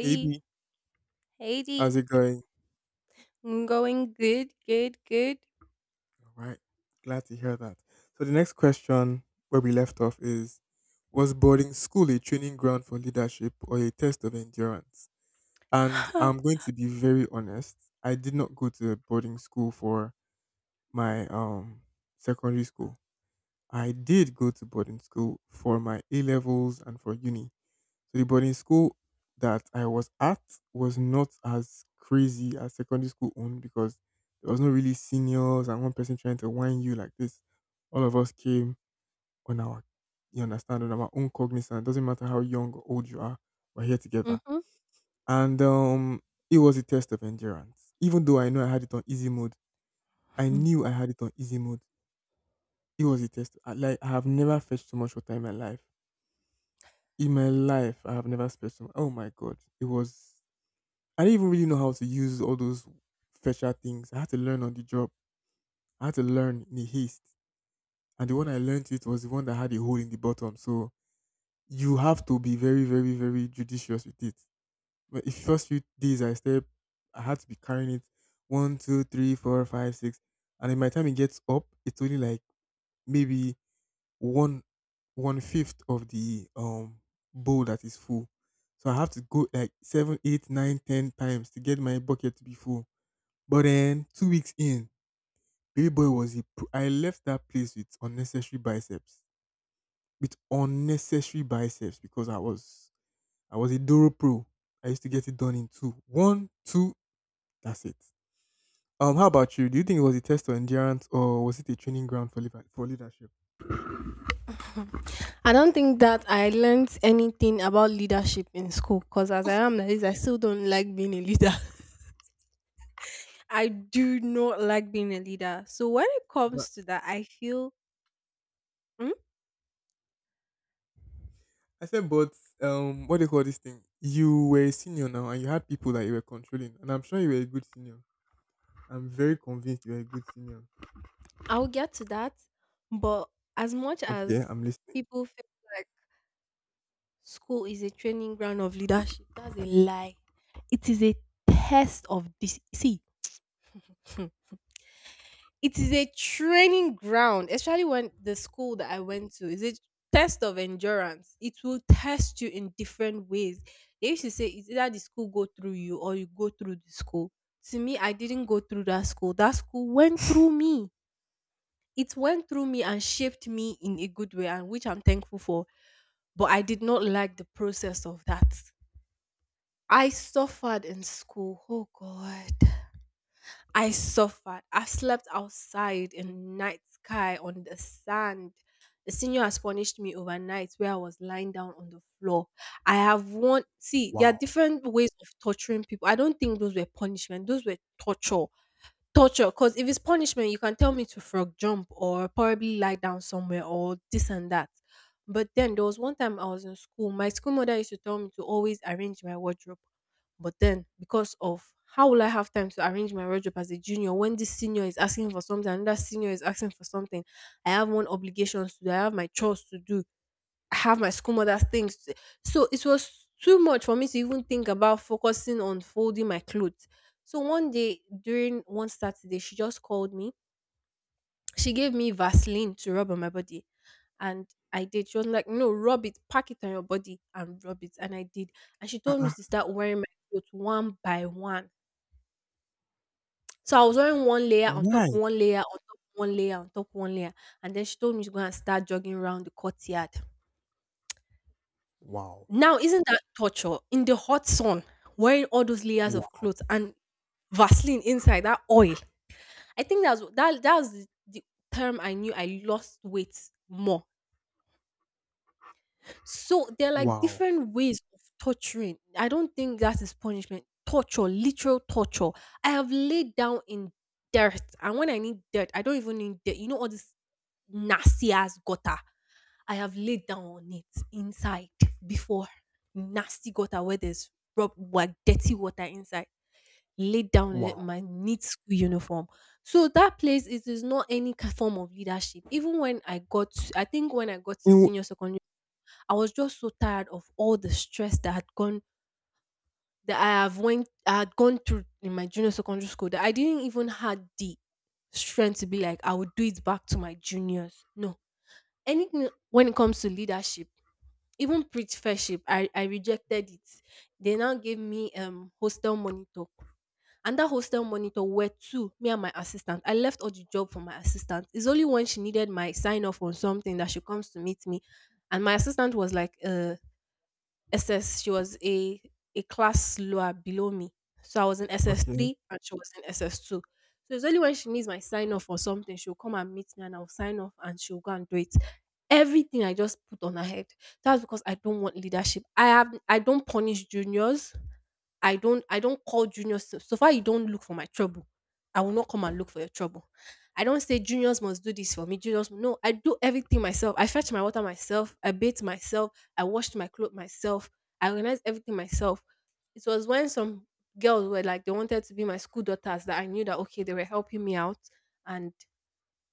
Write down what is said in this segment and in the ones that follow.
Hey B, how's Heidi. it going? I'm going good, good, good. All right, glad to hear that. So the next question where we left off is, was boarding school a training ground for leadership or a test of endurance? And I'm going to be very honest. I did not go to boarding school for my secondary school. I did go to boarding school for my A levels and for uni. So the boarding school that I was at was not as crazy as secondary school own because there was no really seniors and one person trying to whine you like this. All of us came on our you understand on our own cognizance. Doesn't matter how young or old you are, we're here together. hmm And it was a test of endurance. Even though I know I had it on easy mode, I knew I had it on easy mode. It was a test. Like I have never fetched so much water in my life. In my life, I have never fetched so much. Oh my god. It was I didn't even really know how to use all those fetcher things. I had to learn on the job. I had to learn in a haste. And the one I learned it was the one that had a hole in the bottom. So you have to be very, very, very judicious with it. But the first few days I step, I had to be carrying it one, two, three, four, five, six. And then by the time it gets up, it's only like maybe one one fifth of the bowl that is full. So I have to go like seven, eight, nine, ten times to get my bucket to be full. But then 2 weeks in, Baby Boy was a pro. I left that place with unnecessary biceps because I was a Doro pro. I used to get it done in two, one, two. That's it. How about you? Do you think it was a test of endurance or was it a training ground for for leadership? I don't think that I learned anything about leadership in school because as I am like this, I still don't like being a leader. I do not like being a leader. So when it But comes to that, I feel mm, I said, but what do you call this thing? You were a senior now, and you had people that you were controlling, and I'm sure you were a good senior. I'm very convinced you were a good senior. I'll get to that. But as much Okay, as I'm listening. people feel like school is a training ground of leadership, that's a lie. It is a test of this. See, it is a training ground, especially when the school that I went to is a test of endurance. It will test you in different ways. They used to say it's either the school go through you or you go through the school. To me, I didn't go through that school. That school went through me. It went through me and shaped me in a good way, and which I'm thankful for. But I did not like the process of that. I suffered in school. Oh God. I suffered. I've slept outside in night sky on the sand. The senior has punished me overnight where I was lying down on the floor. I have one see, there are Wow. different ways of torturing people. I don't think those were punishment, those were torture. Torture, cause if it's punishment, you can tell me to frog jump or probably lie down somewhere or this and that. But then there was one time I was in school, my school mother used to tell me to always arrange my wardrobe. But then because of how will I have time to arrange my wardrobe as a junior when this senior is asking for something, another senior is asking for something. I have one obligations to do, I have my chores to do have my school mother's things. So it was too much for me to even think about focusing on folding my clothes. So one day during one Saturday, she just called me. She gave me Vaseline to rub on my body. And I did. She was like, no, rub it, pack it on your body and rub it. And I did. And she told me Uh-uh. to start wearing my clothes one by one. So I was wearing one layer on top Why? one layer on top one layer on top one layer. And then she told me to go and start jogging around the courtyard. Wow. Now, isn't that torture in the hot sun, wearing all those layers of Wow. clothes and Vaseline inside that oil? I think that's the term I knew I lost weight more so there are like Wow. different ways of torturing. I don't think that is punishment. Torture, literal torture. I have laid down in dirt, and when I need dirt, I don't even need dirt. You know all this nasty ass gutter. I have laid down on it inside before nasty gutter where there's rub like dirty water inside. Laid down in it, Wow. my neat school uniform. So that place it is not any form of leadership. Even when I got, I think when I got to Ew. senior secondary I was just so tired of all the stress that had gone that I have went I had gone through in my junior secondary school that I didn't even had the strength to be like I would do it back to my juniors. No. Anything when it comes to leadership, even preach fellowship, I rejected it. They now gave me hostel monitor. And that hostel monitor were two, me and my assistant. I left all the job for my assistant. It's only when she needed my sign off on something that she comes to meet me. And my assistant was like, SS. She was a class lower below me. So I was in Okay, SS3 and she was in SS2. So it's only when she needs my sign off or something, she'll come and meet me and I'll sign off and she'll go and do it. Everything I just put on her head. That's because I don't want leadership. I don't punish juniors. I don't call juniors so so far you don't look for my trouble, I will not come and look for your trouble. I don't say juniors must do this for me, juniors no, I do everything myself. I fetch my water myself, I bathe myself, I washed my clothes myself, I organized everything myself. It was when some girls were like they wanted to be my school daughters that I knew that okay, they were helping me out and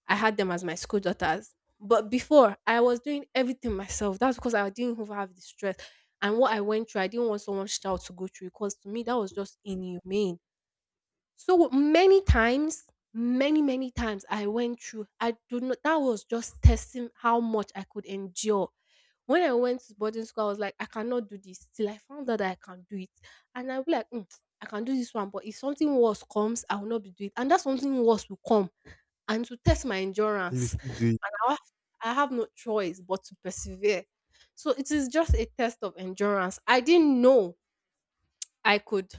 I had them as my school daughters. But before, I was doing everything myself. That's because I didn't even have the stress. And what I went through, I didn't want someone's child to go through because to me, that was just inhumane. So many times, many, many times I went through, I do not, that was just testing how much I could endure. When I went to boarding school, I was like, I cannot do this till I found out that I can do it. And I'll be like, "Mm, I can do this one, but if something worse comes, I will not be doing it. And that something worse will come. And to test my you will endurance, still do it. I have I have no choice but to persevere. So it is just a test of endurance. I didn't know I could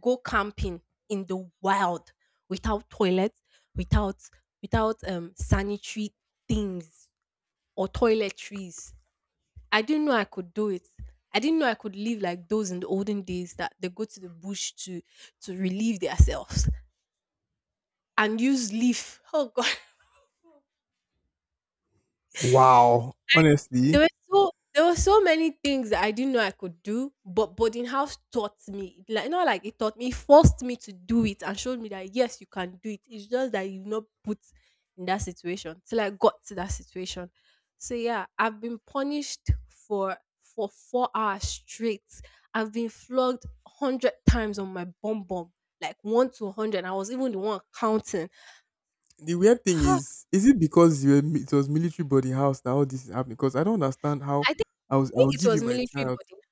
go camping in the wild without toilet, without without sanitary things or toiletries. I didn't know I could do it. I didn't know I could live like those in the olden days that they go to the bush to relieve themselves and use leaf. Oh God Wow. Honestly, there were so many things that I didn't know I could do, but boarding house taught me. It Like not like it taught me, it forced me to do it and showed me that yes, you can do it. It's just that you've not put in that situation till I got to that situation. So yeah, I've been punished for 4 hours straight. I've been flogged 100 times on my bum bum, like 1 to 100. I was even the one counting. the weird thing is it because it was military boarding house that all this is happening? Because I don't understand Ah, how I I'll think it give you was my military child. body.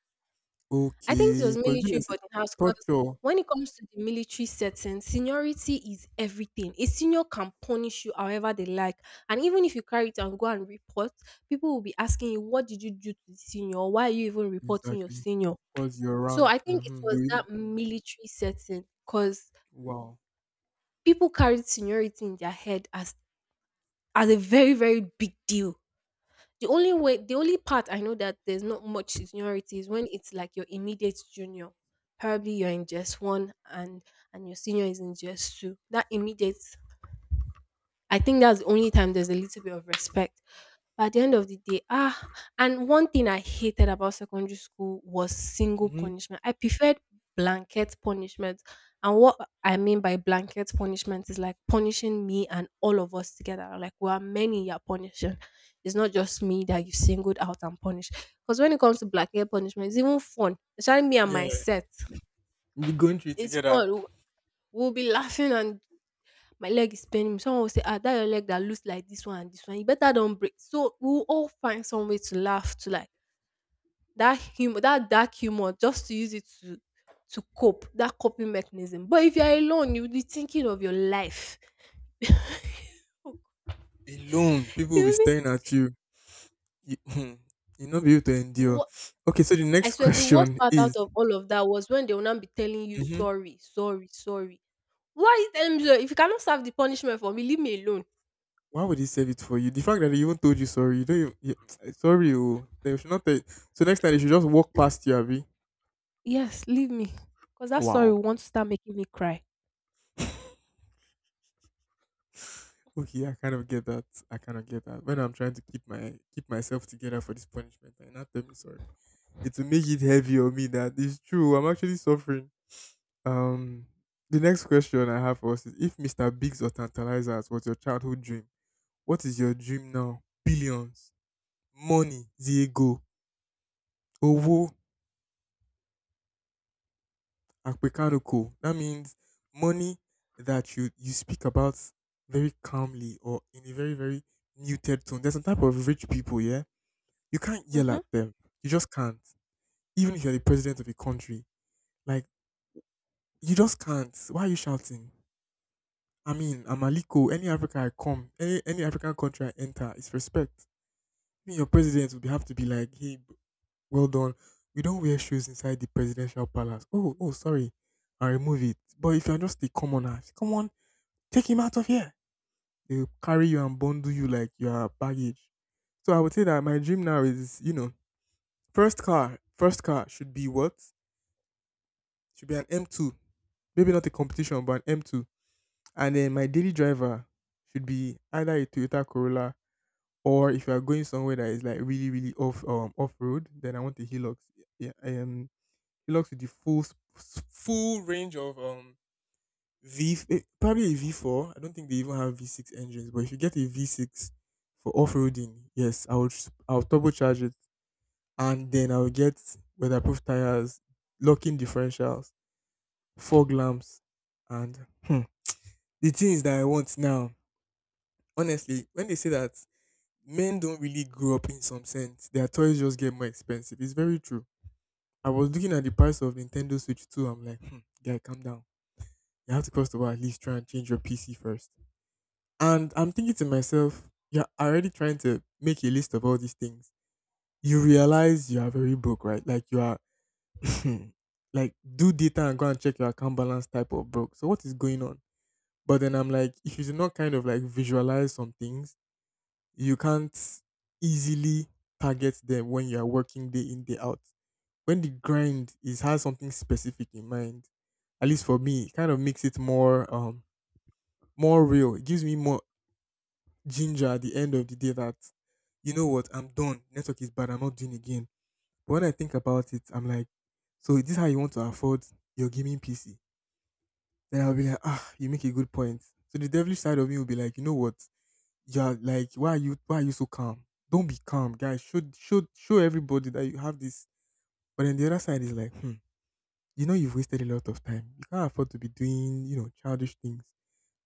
I think it Okay. was Because you military say boarding house because torture. when it comes to the military setting, seniority is everything. A senior can punish you however they like. And even if you carry it and go and report, people will be asking you, what did you do to the senior? Why are you even reporting your Exactly. senior? Because your So rank. I think it Mm-hmm. Was that military setting because Wow. people carried seniority in their head as a very, very big deal. The only way, the only part I know that there's not much seniority is when it's like your immediate junior. Probably you're in just one and your senior is in just two. That immediate I think that's the only time there's a little bit of respect. But at the end of the day, ah, and one thing I hated about secondary school was single Mm-hmm. punishment. I preferred blanket punishment. And what I mean by blanket punishment is like punishing me and all of us together. Like we are many you're punishing. It's not just me that you singled out and punished. Because when it comes to blanket punishment, it's even fun. Especially me and my Yeah. set. We'll be going through it It's together fun. We'll be laughing and my leg is paining me. Someone will say, ah, that your leg that looks like this one and this one. You better don't break. So we'll all find some way to laugh to like that humor, that dark humor, just to use it to cope, that coping mechanism. But if you're alone, you'll be thinking of your life. alone. People will be You be- staring at you. You, you'll not be able to the endure. wo- Okay. So the I next swear the worst question part out is. of all of that was when they will not be telling you Mhm. sorry, sorry, sorry. Why are you telling me sorry? If you cannot serve the punishment for me, leave me alone. Why would he save it for you? The fact that he even told you sorry, you don't even, you, sorry, oh, they should not tell you. So next time they should just walk past you, Abby. Yes, leave me. Because that sorry Wow. will want to start making me cry. Okay, I kind of get that. I kind of get that. When I'm trying to keep myself together for this punishment, and not tell me sorry. It will make it heavy on me that it's true. I'm actually suffering. Um, the next question I have for us is: If Mr. Biggs or Tantalizers was your childhood dream, what is your dream now? Billions, money, Diego, Owo, Akpekadoko. That means money that you speak about very calmly or in a very very muted tone. There's some type of rich people, yeah. You can't yell Mhm. at them. You just can't. Even if you're the president of a country, like you just can't. Why are you shouting? I mean, I'm Aliko. Any Africa I come, any African country I enter, it's respect. I mean, your president would have to be like, hey, well done. We don't wear shoes inside the presidential palace. Oh, sorry. I remove it. But if you're just a commoner, come on. Take him out of here. They will carry you and bundle you like you are baggage. So I would say that my dream now is, first car should be what? Should be an M2. Maybe not a competition, but an M2. And then my daily driver should be either a Toyota Corolla or if you are going somewhere that is like really, really off road, then I want the Hilux. Yeah, Hilux with the full full range of probably a V4. I don't think they even have V6 engines, but if you get a V6 for off-roading, yes, I'll turbocharge it and then I'll get weatherproof tires, locking differentials, fog lamps, and the things that I want now. Honestly, when they say that men don't really grow up in some sense, their toys just get more expensive. It's very true. I was looking at the price of Nintendo Switch 2. I'm like, guy, calm down. You have to cross the wire at least try and change your PC first. And I'm thinking to myself, you're already trying to make a list of all these things. You realize you are very broke, right? Like you are like do data and go and check your account balance type of broke. So what is going on? But then I'm like, if you do not kind of like visualize some things, you can't easily target them when you are working day in, day out. When the grind is has something specific in mind, at least for me, it kind of makes it more real. It gives me more ginger at the end of the day that you know what, I'm done. Network is bad. I'm not doing again. But when I think about it, I'm like, so is this how you want to afford your gaming PC? Then I'll be like, ah, you make a good point. So the devilish side of me will be like, you know what? You're like, why are you so calm? Don't be calm, guys. Show everybody that you have this. But then the other side is like, you know you've wasted a lot of time. You can't afford to be doing, childish things.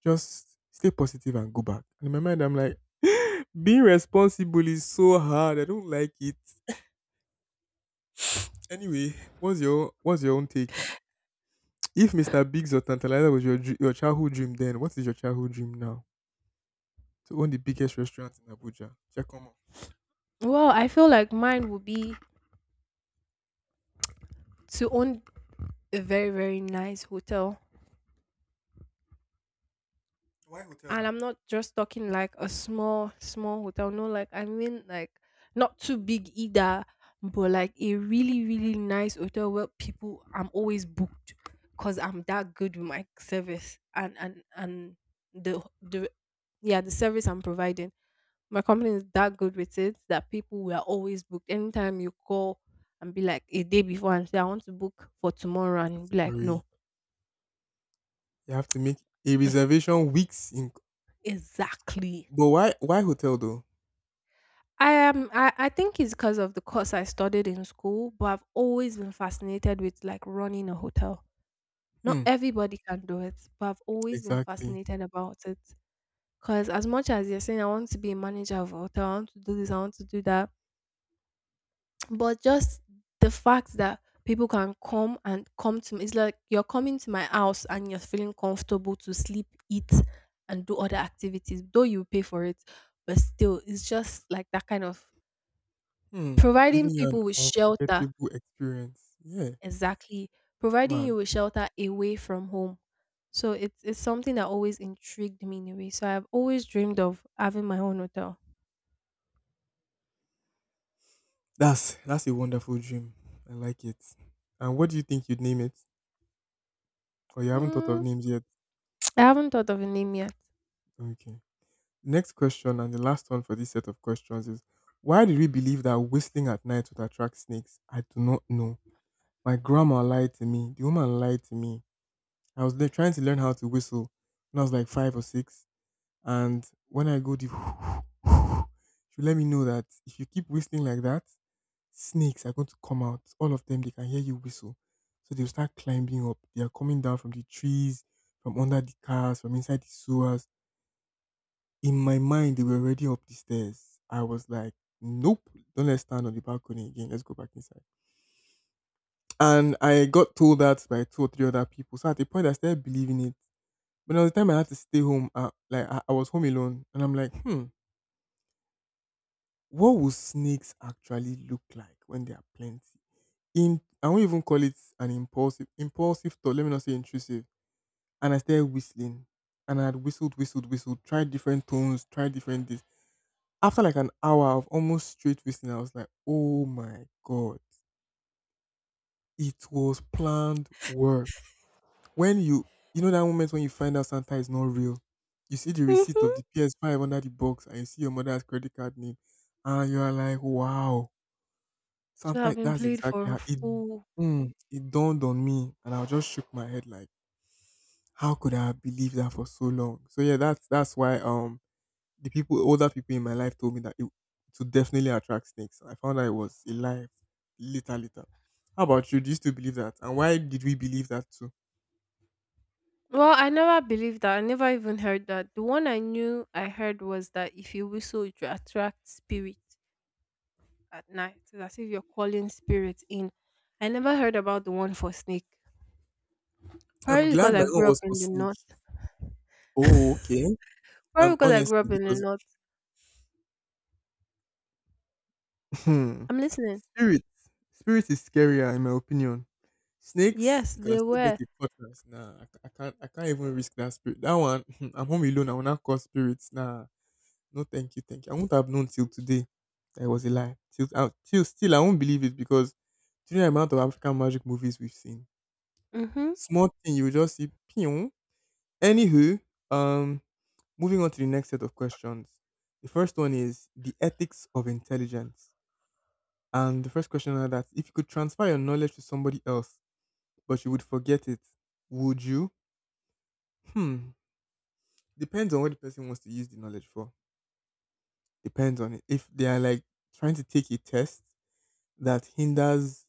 Just stay positive and go back. And in my mind, I'm like, being responsible is so hard. I don't like it. Anyway, what's your own take? If Mr. Biggs or Tantalizer was your childhood dream, then what is your childhood dream now? To own the biggest restaurant in Abuja. Check on. Well, I feel like mine would be to own a very, very nice hotel Why hotel? and I'm not just talking like a small, small hotel. No, like I mean like not too big either, but like a really, really nice hotel where people I'm always booked because I'm that good with my service and the yeah the service I'm providing. My company is that good with it that people were always booked. Anytime you call and be like a day before and say I want to book for tomorrow and be like Sorry. no, You have to make a reservation weeks in. exactly But why hotel though? I am. I think it's because of the course I studied in school, but I've always been fascinated with like running a hotel. Not Hmm. everybody can do it, but I've always been Exactly. fascinated about it. Because as much as you're saying, I want to be a manager of a hotel, I want to do this, I want to do that, but just the fact that people can come and come to me, it's like you're coming to my house and you're feeling comfortable to sleep, eat, and do other activities, though you pay for it, but still, it's just like that kind of Hmm. Giving providing you an people with shelter, unforgettable experience. Yeah. exactly. Providing Mad. you with shelter away from home. So it's something that always intrigued me in a way. So I've always dreamed of having my own hotel. That's a wonderful dream. I like it. And what do you think you'd name it? Or you haven't thought of Mm, names yet? I haven't thought of a name yet. Okay. Next question and the last one for this set of questions is why did we believe that whistling at night would attract snakes? I do not know. My grandma lied to me. The woman lied to me. I was trying to learn how to whistle when I was like five or six. And when I go deep, she'll let me know that if you keep whistling like that, snakes are going to come out. All of them, they can hear you whistle. So they'll start climbing up. They are coming down from the trees, from under the cars, from inside the sewers. In my mind, they were already up the stairs. I was like, nope, don't let's stand on the balcony again. Let's go back inside. And I got told that by two or three other people. So at the point, I started believing it. But there the time I had to stay home. Like I was home alone, and I'm like, hmm. What would snakes actually look like when they are plenty? In I won't even call it an impulsive thought, let me not say intrusive. And I started whistling. And I had whistled, whistled, whistled, tried different tones, tried different this. After like an hour of almost straight whistling, I was like, oh my god. It was planned work. When you know that moment when you find out Santa is not real, you see the receipt of Hmm the PS5 under the box and you see your mother's credit card name and you are like, wow. So I've Sometimes been that's played for exactly a fool. It dawned on me and I just shook my head like, how could I have believed that for so long? So yeah, that's why the people older people in my life told me that it to definitely attract snakes. I found out it was a lie later later. How about you? Do you still believe that? And why did we believe that too? Well, I never believed that. I never even heard that. The one I knew I heard was that if you whistle, you attract spirit at night. It's as if you're calling spirits in. I never heard about the one for snake. I'm Probably because glad my I own grew was up for in the snake. north. Oh, okay. Probably because I grew Honestly up in the because north. hmm, I'm listening. spirit spirit is scarier in my opinion. Snakes, Yes, you can they still get were. a cutlass. Nah, I can't. I can't even risk that spirit. That one, I'm home alone. I will not cause spirits. Nah, no, thank you, thank you. I won't have known till today that it was a lie. Till still, I won't believe it because do you know the amount of African magic movies we've seen? Mm-hmm. Small thing, you will just see pion. Anywho, um, moving on to the next set of questions. The first one is the ethics of intelligence, and the first question are that if you could transfer your knowledge to somebody else, but you would forget it, would you? Hmm. Depends on what the person wants to use the knowledge for. Depends on it. If they are like trying to take a test that hinders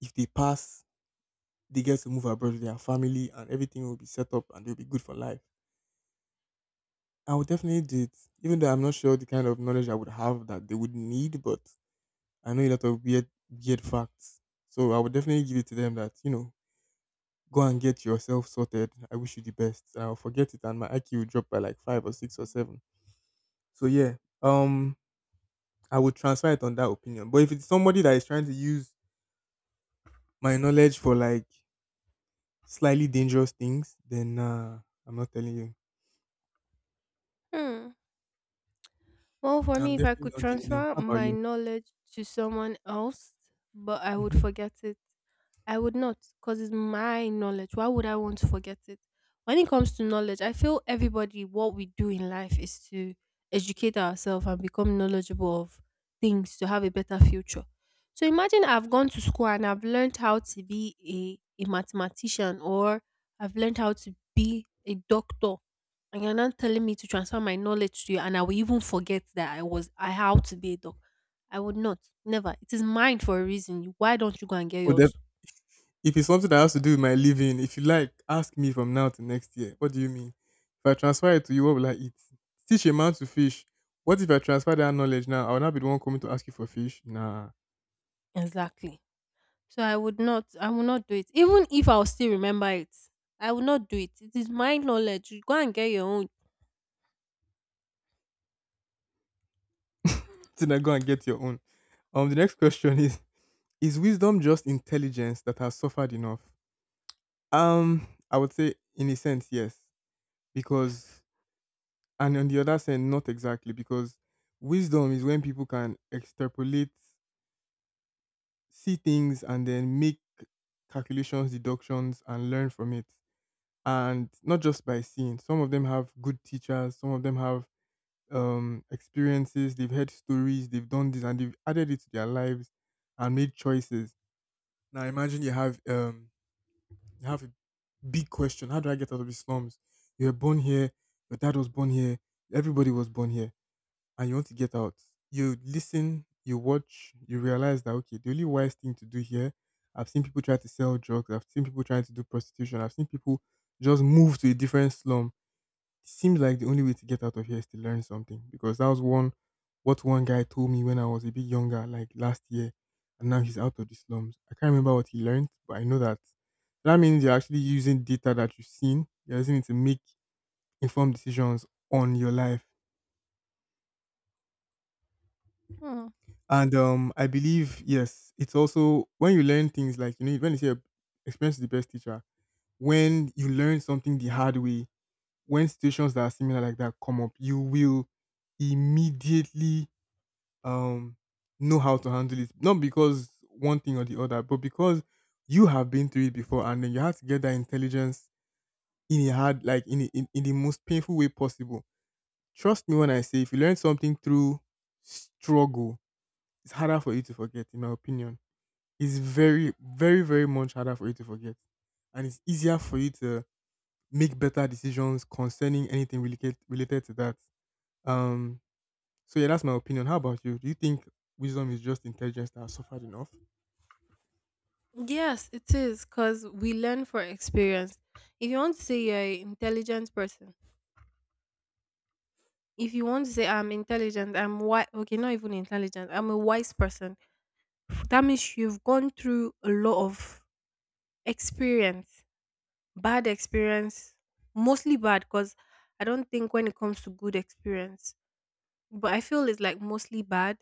if they pass, they get to move abroad with their family and everything will be set up and they'll be good for life. I would definitely do it, even though I'm not sure the kind of knowledge I would have that they would need, but I know a lot of weird, weird facts. So I would definitely give it to them that, you know, go and get yourself sorted. I wish you the best. And I'll forget it and my IQ will drop by like five or six or seven. So yeah. Um I would transfer it on that opinion. But if it's somebody that is trying to use my knowledge for like slightly dangerous things, then I'm not telling you. Hmm. Well, for I'm me, if I definitely could not giving them. transfer How about my you? knowledge to someone else, but I would Hmm. forget it, I would not, because it's my knowledge. Why would I want to forget it? When it comes to knowledge, I feel everybody, what we do in life is to educate ourselves and become knowledgeable of things to have a better future. So imagine I've gone to school and I've learned how to be a mathematician or I've learned how to be a doctor. And you're not telling me to transfer my knowledge to you, and I will even forget that I was I how to be a doctor. I would not. Never. It is mine for a reason. Why don't you go and get Or def- yours? if it's something that has to do with my living, if you like, ask me from now to next year. What do you mean? If I transfer it to you, what will I eat? Teach a man to fish. What if I transfer that knowledge now? I will not be the one coming to ask you for fish. Nah. Exactly. So I will not do it. Even if I'll still remember it, I will not do it. It is my knowledge. You go and get your own. Then I go and get your own. The next question is wisdom just intelligence that has suffered enough? I would say in a sense, yes, because and on the other side, not exactly, because wisdom is when people can extrapolate, see things, and then make calculations, deductions, and learn from it. And not just by seeing. Some of them have good teachers. Some of them have experiences. They've heard stories. They've done this, and they've added it to their lives and made choices. Now imagine you have you have a big question. How do I get out of the slums? You were born here, your dad was born here, everybody was born here, and you want to get out. You listen, you watch, you realize that okay, the only wise thing to do here. I've seen people try to sell drugs, I've seen people trying to do prostitution, I've seen people just move to a different slum seems like the only way to get out of here is to learn something because that was one what one guy told me when I was a bit younger, like last year, and now he's out of the slums. I can't remember what he learned, but I know that that means you're actually using data that you've seen. You're using it to make informed decisions on your life. Hmm. And I believe yes, it's also when you learn things like you know when you say experience is the best teacher. When you learn something the hard way, when situations that are similar like that come up, you will immediately um know how to handle it. Not because one thing or the other, but because you have been through it before and then you have to get that intelligence in a hard like in, a, in in the most painful way possible. Trust me when I say if you learn something through struggle, it's harder for you to forget, in my opinion. It's very, very, very much harder for you to forget. And it's easier for you to make better decisions concerning anything related to that. Um so yeah, that's my opinion. How about you? Do you think wisdom is just intelligence that has suffered enough? Yes, it is because we learn from experience. If you want to say you're an intelligent person, if you want to say I'm intelligent, I'm wise. Okay, not even intelligent. I'm a wise person. That means you've gone through a lot of experience, bad experience, mostly bad. Because I don't think when it comes to good experience, but I feel it's like mostly bad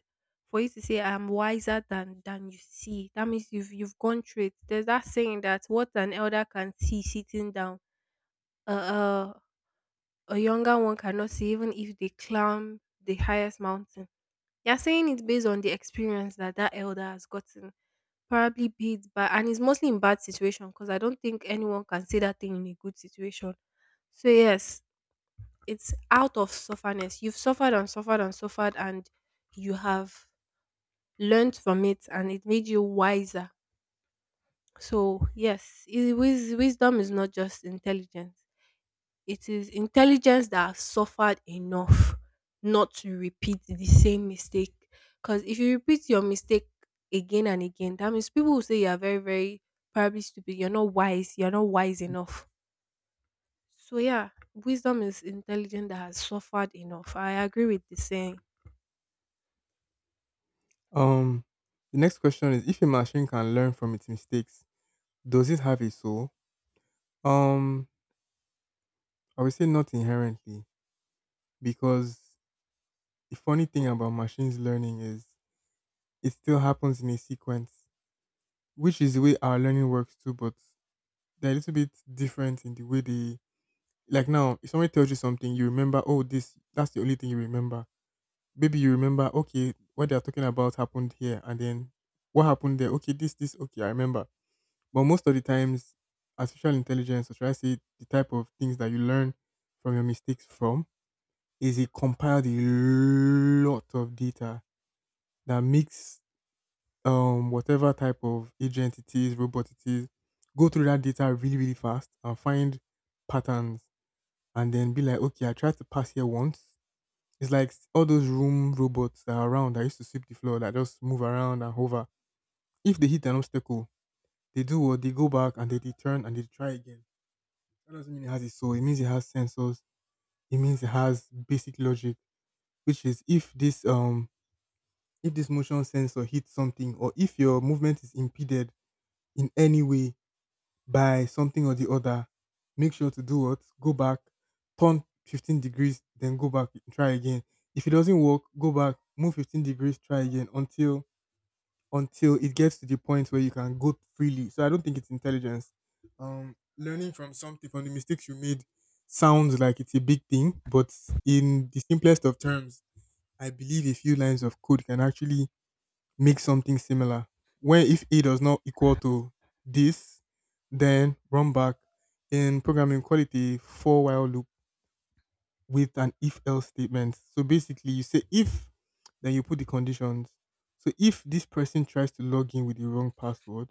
for you to say I'm wiser than you see. That means you've gone through it. There's that saying that what an elder can see sitting down, uh, uh a younger one cannot see even if they climb the highest mountain. You're saying it based on the experience that that elder has gotten, probably beat by, and it's mostly in bad situation because I don't think anyone can say that thing in a good situation. So yes, it's out of sufferness. You've suffered and suffered and suffered, and you have learned from it and it made you wiser. So, yes, wisdom is not just intelligence, it is intelligence that has suffered enough not to repeat the same mistake. Because if you repeat your mistake again and again, that means people will say you are very, very probably stupid, you're not wise enough. So, yeah, wisdom is intelligence that has suffered enough. I agree with the saying. Um, the next question is: If a machine can learn from its mistakes, does it have a soul? Um, I would say not inherently, because the funny thing about machines learning is it still happens in a sequence, which is the way our learning works too. But they're a little bit different in the way they like. Now, if somebody tells you something, you remember, oh, this that's the only thing you remember. Maybe you remember, okay, what they're talking about happened here, and then what happened there. Okay, this, okay, I remember. But most of the times, artificial intelligence, or should I say, the type of things that you learn from your mistakes from, is it compiled a lot of data that makes whatever type of agent it is, robot it is, go through that data really, really fast and find patterns, and then be like, okay, I tried to pass here once. It's like all those room robots that are around that used to sweep the floor that just move around and hover. If they hit an obstacle, they do what they go back and they return and they try again. That doesn't mean it has a soul. It means it has sensors. It means it has basic logic, which is if this motion sensor hits something or if your movement is impeded in any way by something or the other, make sure to do what? Go back, turn 15 degrees, then go back, try again. If it doesn't work, go back, move 15 degrees, try again until it gets to the point where you can go freely. So I don't think it's intelligence. Learning from something from the mistakes you made sounds like it's a big thing, but in the simplest of terms, I believe a few lines of code can actually make something similar. Where if A does not equal to this, then run back in programming call it a for while loop with an if else statement. So basically, you say if, then you put the conditions. So if this person tries to log in with the wrong password,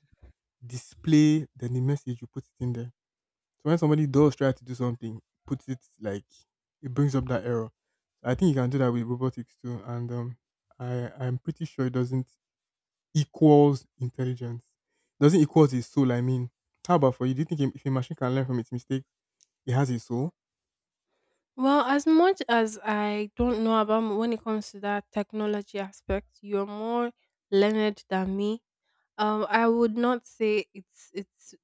display then the message you put it in there. So when somebody does try to do something, put it like it brings up that error. I think you can do that with robotics too, and I I'm pretty sure it doesn't equals intelligence. Doesn't equals his soul. I mean, how about for you? Do you think a- if a machine can learn from its mistakes, it has a soul? Well, as much as I don't know about when it comes to that technology aspect, you're more learned than me. I would not say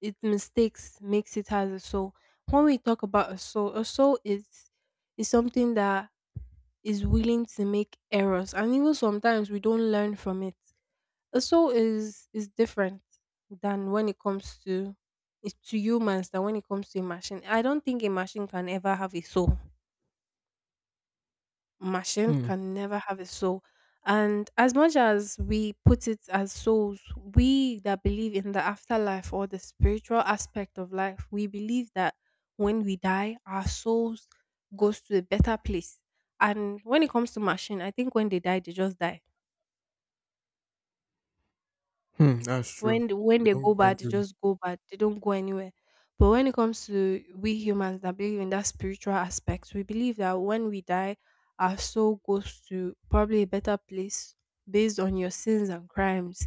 it mistakes makes it has a soul. When we talk about a soul is something that is willing to make errors, and even sometimes we don't learn from it. A soul is different than when it comes to it's to humans than when it comes to a machine. I don't think a machine can ever have a soul, machine Hmm. can never have a soul. And as much as we put it as souls, we that believe in the afterlife or the spiritual aspect of life, we believe that when we die, our souls goes to a better place. And when it comes to machine, I think when they die, they just die. Hmm. That's true. When they when They they don't go go bad, they anywhere. just go bad. They don't go anywhere. But when it comes to we humans that believe in that spiritual aspect, we believe that when we die, our soul goes to probably a better place based on your sins and crimes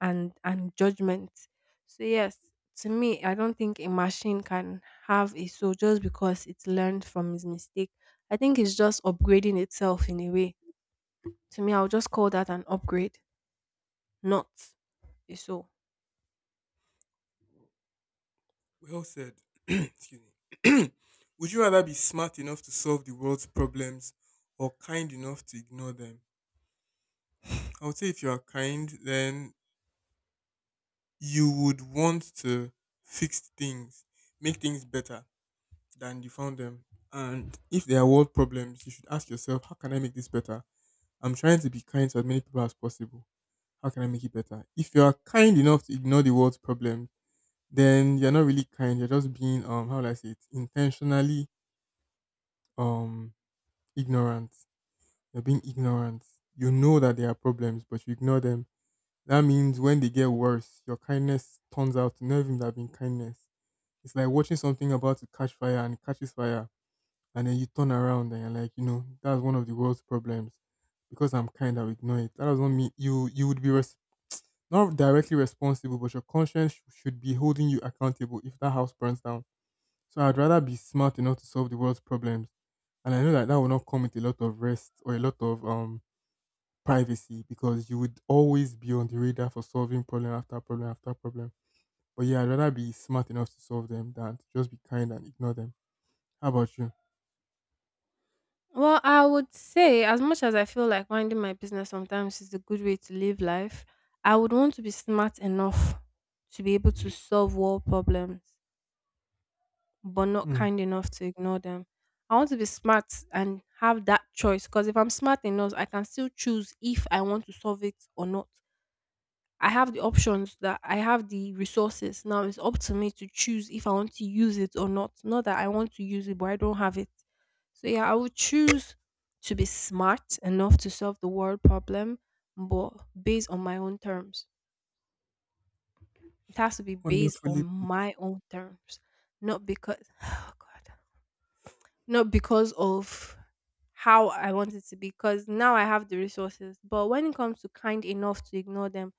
and judgment. So yes, to me, I don't think a machine can have a soul just because it's learned from its mistake. I think it's just upgrading itself in a way. To me, I'll just call that an upgrade, not a soul. Well said. Excuse me. Would you rather be smart enough to solve the world's problems or kind enough to ignore them? I would say if you are kind, then you would want to fix things, make things better than you found them. And if there are world problems, you should ask yourself, how can I make this better? I'm trying to be kind to as many people as possible. How can I make it better? If you are kind enough to ignore the world's problems, then you're not really kind. You're just being how do I say it intentionally um ignorance. You're being ignorant. You know that there are problems, but you ignore them. That means when they get worse, your kindness turns out to not even have been kindness. It's like watching something about to catch fire and it catches fire, and then you turn around and you're like, you know, that's one of the world's problems. Because I'm kind, I'll ignore it. That doesn't mean you would be res- not directly responsible, but your conscience sh- should be holding you accountable if that house burns down. So I'd rather be smart enough to solve the world's problems and I know that that will not come with a lot of rest or a lot of privacy because you would always be on the radar for solving problem after problem after problem. But yeah, I'd rather be smart enough to solve them than to just be kind and ignore them. How about you? Well, I would say as much as I feel like minding my business sometimes is a good way to live life, I would want to be smart enough to be able to solve world problems, but not Hmm. kind enough to ignore them. I want to be smart and have that choice because if I'm smart enough, I can still choose if I want to solve it or not. I have the options that I have the resources. Now it's up to me to choose if I want to use it or not. Not that I want to use it, but I don't have it. So yeah, I would choose to be smart enough to solve the world problem, but based on my own terms. It has to be based Wonderfully on put. my own terms, not because oh god, not because of how I want it to be. Because now I have the resources, but when it comes to kind enough to ignore them,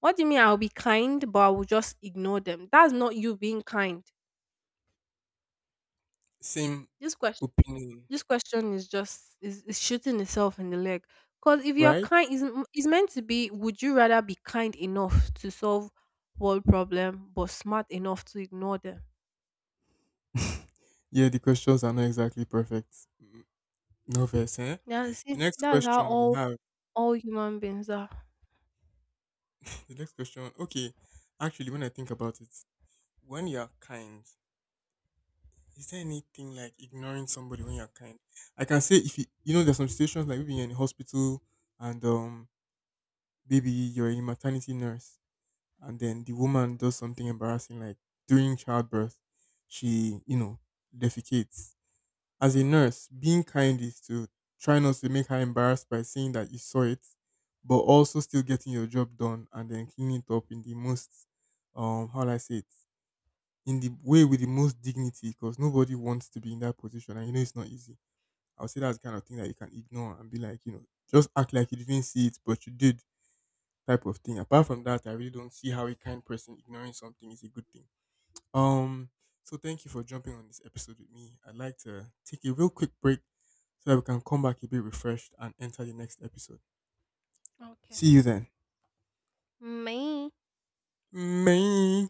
what do you mean I'll be kind, but I will just ignore them? That's not you being kind. Same This question, opinion, this question is just is shooting itself in the leg. Because if you're right? kind, is meant to be. Would you rather be kind enough to solve world problem, but smart enough to ignore them? Yeah, the questions are not exactly perfect. Mm, no verse, eh? Yeah, you The see, next that's how question we have, all human beings are. the next question, okay. Actually, when I think about it, when you're kind is there anything like ignoring somebody when you're kind? I can say if you, you know there's some situations like maybe you're in a hospital and maybe you're a maternity nurse and then the woman does something embarrassing like during childbirth, she you know defecates. As a nurse, being kind is to try not to make her embarrassed by saying that you saw it, but also still getting your job done and then cleaning it up in the most how will I say it in the way with the most dignity because nobody wants to be in that position and you know it's not easy. I would say that's the kind of thing that you can ignore and be like, you know, just act like you didn't see it, but you did type of thing. Apart from that, I really don't see how a kind person ignoring something is a good thing. Um, so thank you for jumping on this episode with me. I'd like to take a real quick break so that we can come back a bit refreshed and enter the next episode. Okay, See you then. me. May.